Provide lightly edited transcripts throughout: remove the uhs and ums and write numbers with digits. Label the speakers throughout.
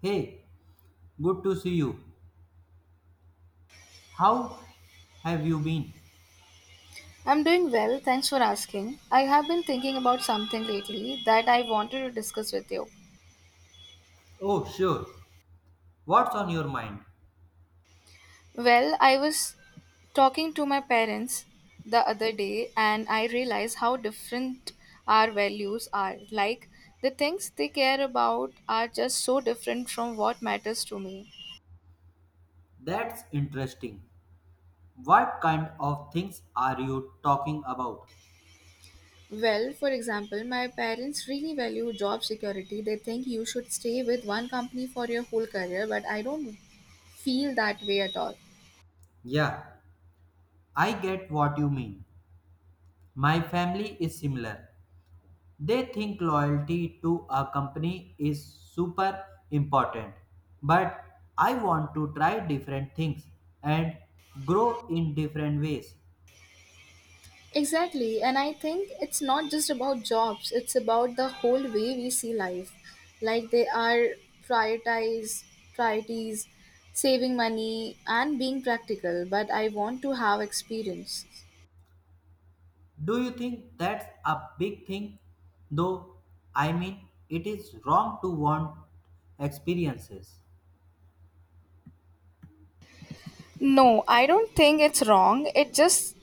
Speaker 1: Hey, good to see you. How have you been?
Speaker 2: I'm doing well, thanks for asking. I have been thinking about something lately that I wanted to discuss with you.
Speaker 1: Oh, sure. What's on your mind?
Speaker 2: Well, I was talking to my parents the other day and I realized how different our values are. Like, the things they care about are just so different from what matters to me.
Speaker 1: That's interesting. What kind of things are you talking about?
Speaker 2: Well, for example, my parents really value job security. They think you should stay with one company for your whole career, but I don't feel that way at all.
Speaker 1: Yeah, I get what you mean. My family is similar. They think loyalty to a company is super important. But I want to try different things and grow in different ways.
Speaker 2: Exactly, and I think it's not just about jobs, it's about the whole way we see life. Like they are prioritize priorities, saving money and being practical, but I want to have experience.
Speaker 1: Do you think that's a big thing? Though, I mean, it is wrong to want experiences.
Speaker 2: No, I don't think it's wrong. It just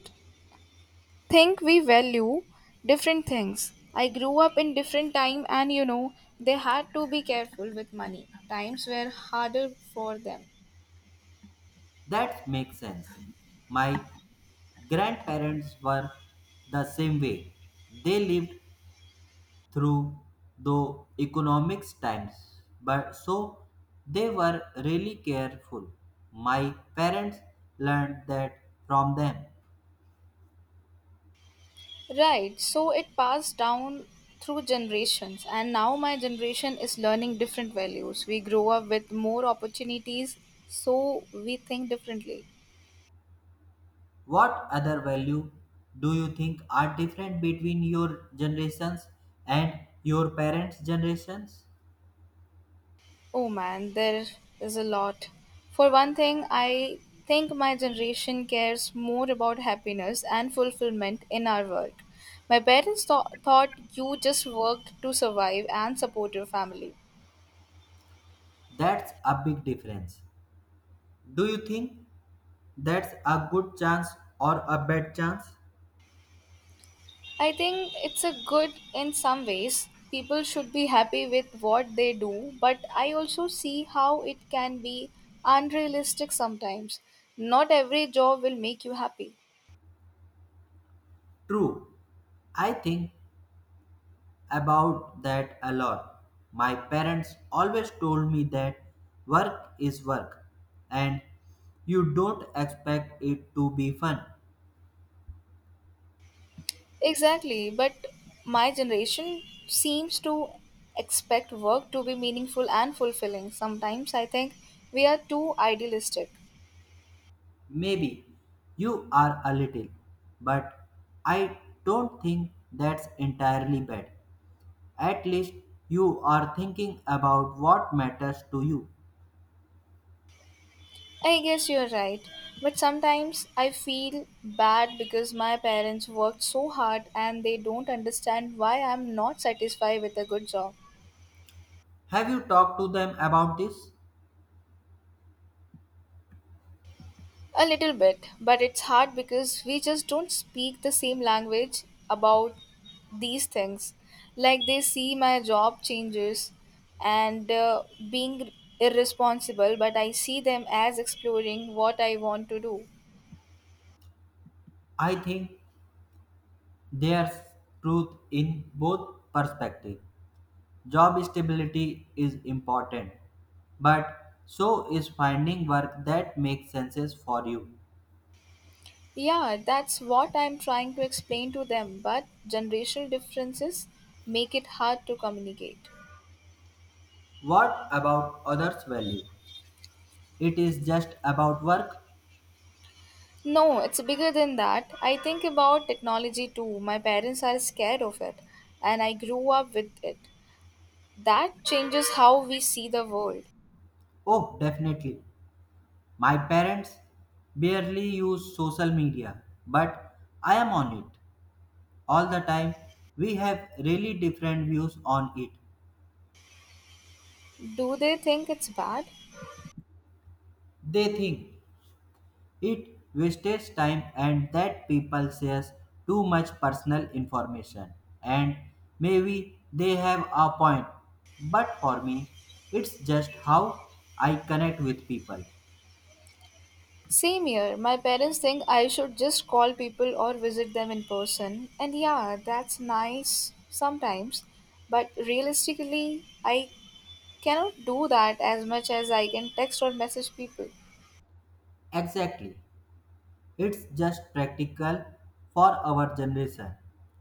Speaker 2: think we value different things. I grew up in different time and they had to be careful with money. Times were harder for them.
Speaker 1: That makes sense. My grandparents were the same way. They lived through the economics times, but so they were really careful. My parents learned that from them.
Speaker 2: Right, so it passed down through generations, and now my generation is learning different values. We grow up with more opportunities, so we think differently.
Speaker 1: What other value do you think are different between your generations and your parents' generations?
Speaker 2: Oh man, there is a lot. For one thing, I think my generation cares more about happiness and fulfillment in our work. My parents thought you just worked to survive and support your family.
Speaker 1: That's a big difference. Do you think that's a good chance or a bad chance?
Speaker 2: I think it's a good in some ways. People should be happy with what they do, but I also see how it can be unrealistic sometimes. Not every job will make you happy.
Speaker 1: True. I think about that a lot. My parents always told me that work is work and you don't expect it to be fun.
Speaker 2: Exactly, but my generation seems to expect work to be meaningful and fulfilling. Sometimes I think we are too idealistic.
Speaker 1: Maybe you are a little, but I don't think that's entirely bad. At least you are thinking about what matters to you.
Speaker 2: I guess you're right. But sometimes I feel bad because my parents worked so hard and they don't understand why I'm not satisfied with a good job.
Speaker 1: Have you talked to them about this?
Speaker 2: A little bit, but it's hard because we just don't speak the same language about these things. Like they see my job changes and being irresponsible, but I see them as exploring what I want to do.
Speaker 1: I think there's truth in both perspectives. Job stability is important, but so is finding work that makes sense for you.
Speaker 2: Yeah, that's what I'm trying to explain to them, but generational differences make it hard to communicate.
Speaker 1: What about others' value? It is just about work?
Speaker 2: No, it's bigger than that. I think about technology too. My parents are scared of it, and I grew up with it. That changes how we see the world.
Speaker 1: Oh, definitely. My parents barely use social media, but I am on it all the time. We have really different views on it.
Speaker 2: Do they think it's bad?
Speaker 1: They think it wastes time and that people shares too much personal information. And maybe they have a point, but for me, it's just how I connect with people.
Speaker 2: Same here. My parents think I should just call people or visit them in person. And yeah, that's nice sometimes. But realistically, I cannot do that as much as I can text or message people.
Speaker 1: Exactly. It's just practical for our generation.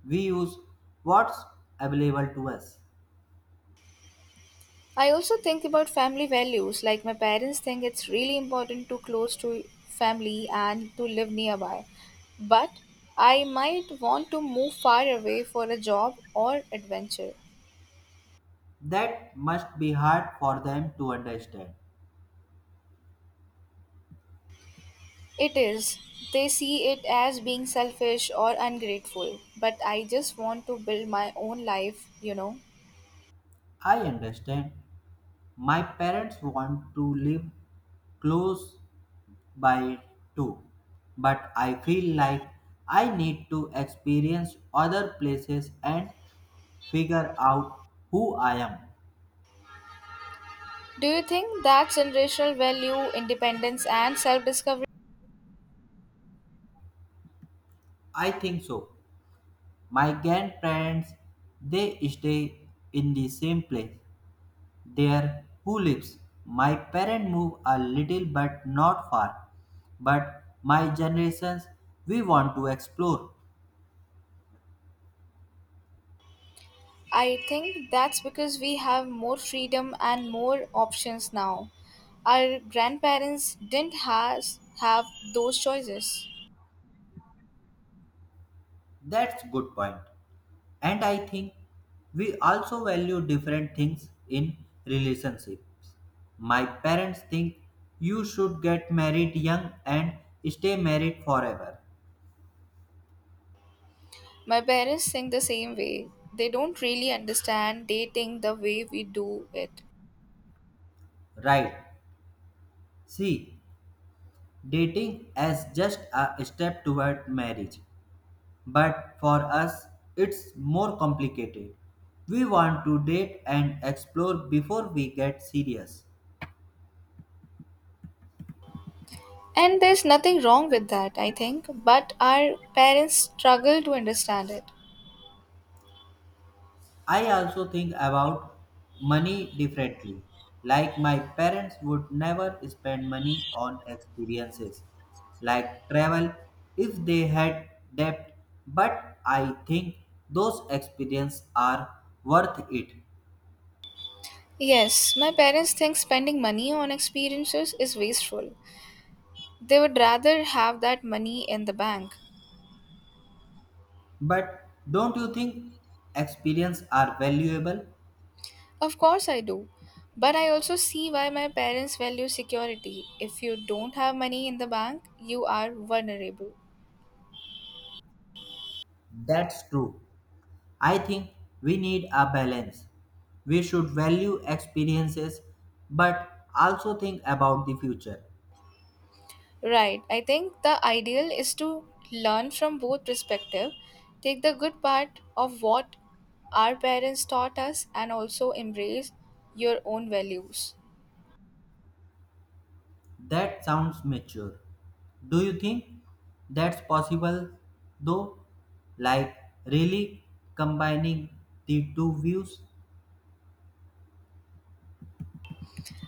Speaker 1: We use what's available to us.
Speaker 2: I also think about family values, like my parents think it's really important to close to family and to live nearby. But I might want to move far away for a job or adventure.
Speaker 1: That must be hard for them to understand.
Speaker 2: It is. They see it as being selfish or ungrateful, but I just want to build my own life.
Speaker 1: I understand. My parents want to live close by too, but I feel like I need to experience other places and figure out who I am.
Speaker 2: Do you think that generational value, independence, and self discovery?
Speaker 1: I think so. My grandparents they stay in the same place. There, who lives? My parents move a little but not far. But my generations, we want to explore.
Speaker 2: I think that's because we have more freedom and more options now. Our grandparents didn't have those choices.
Speaker 1: That's good point. And I think we also value different things in relationships. My parents think you should get married young and stay married forever.
Speaker 2: My parents think the same way. They don't really understand dating the way we do it.
Speaker 1: Right. See, dating as just a step toward marriage. But for us, it's more complicated. We want to date and explore before we get serious.
Speaker 2: And there's nothing wrong with that, I think, but our parents struggle to understand it.
Speaker 1: I also think about money differently. Like my parents would never spend money on experiences like travel if they had debt, but I think those experiences are worth it.
Speaker 2: Yes, my parents think spending money on experiences is wasteful. They would rather have that money in the bank.
Speaker 1: But don't you think experiences are valuable?
Speaker 2: Of course, I do. But I also see why my parents value security. If you don't have money in the bank, you are vulnerable.
Speaker 1: That's true. I think we need a balance. We should value experiences but also think about the future.
Speaker 2: Right. I think the ideal is to learn from both perspectives, take the good part of what our parents taught us, and also embrace your own values.
Speaker 1: That sounds mature. Do you think that's possible though? Like really combining the two views?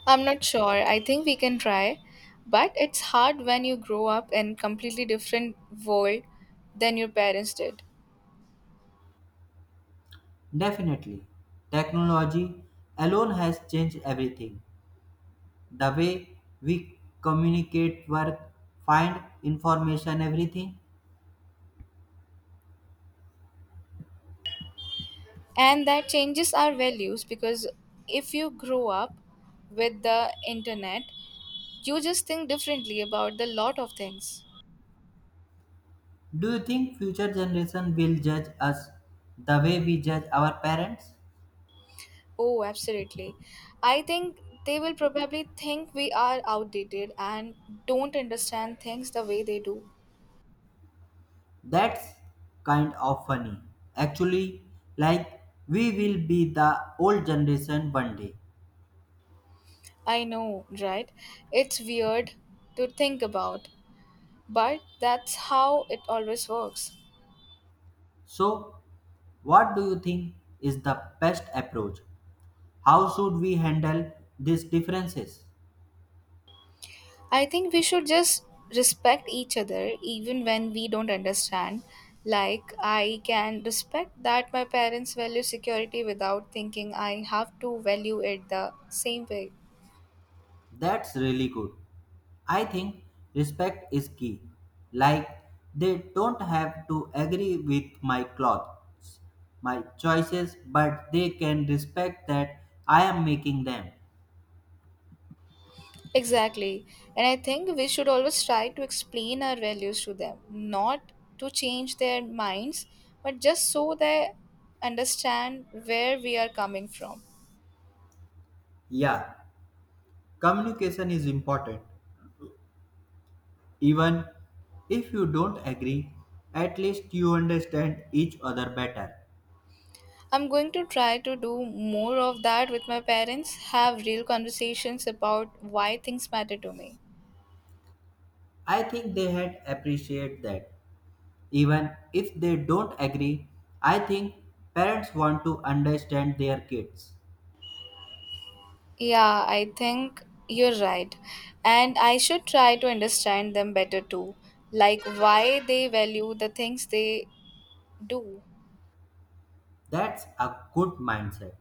Speaker 2: I'm not sure. I think we can try. But it's hard when you grow up in completely different world than your parents did.
Speaker 1: Definitely. Technology alone has changed everything. The way we communicate, work, find information, everything.
Speaker 2: And that changes our values because if you grow up with the internet you just think differently about the lot of things.
Speaker 1: Do you think future generation will judge us the way we judge our parents?
Speaker 2: Oh, absolutely. I think they will probably think we are outdated and don't understand things the way they do.
Speaker 1: That's kind of funny. Actually, like we will be the old generation one day.
Speaker 2: I know, right? It's weird to think about, but that's how it always works.
Speaker 1: So, what do you think is the best approach? How should we handle these differences?
Speaker 2: I think we should just respect each other even when we don't understand. Like, I can respect that my parents value security without thinking I have to value it the same way.
Speaker 1: That's really good. I think respect is key. Like, they don't have to agree with my clothes, my choices, but they can respect that I am making them.
Speaker 2: Exactly. And I think we should always try to explain our values to them, not to change their minds, but just so they understand where we are coming from.
Speaker 1: Yeah, communication is important. Even if you don't agree, at least you understand each other better.
Speaker 2: I'm going to try to do more of that with my parents, have real conversations about why things matter to me.
Speaker 1: I think they had appreciated that. Even if they don't agree, I think parents want to understand their kids.
Speaker 2: Yeah, I think you're right. And I should try to understand them better too, like why they value the things they do.
Speaker 1: That's a good mindset.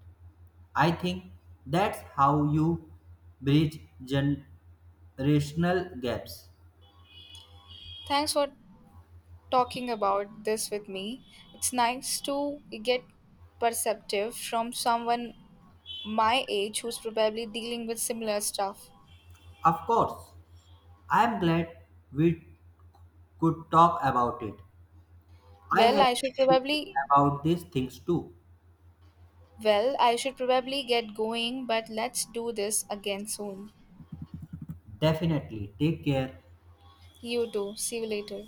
Speaker 1: I think that's how you bridge generational gaps.
Speaker 2: Thanks for talking about this with me. It's nice to get perceptive from someone my age who's probably dealing with similar stuff.
Speaker 1: Of course, I'm glad we could talk about it. I
Speaker 2: Well,
Speaker 1: have
Speaker 2: I should
Speaker 1: been thinking
Speaker 2: probably
Speaker 1: about these things too.
Speaker 2: Well, I should probably get going, but let's do this again soon.
Speaker 1: Definitely. Take care.
Speaker 2: You too. See you later.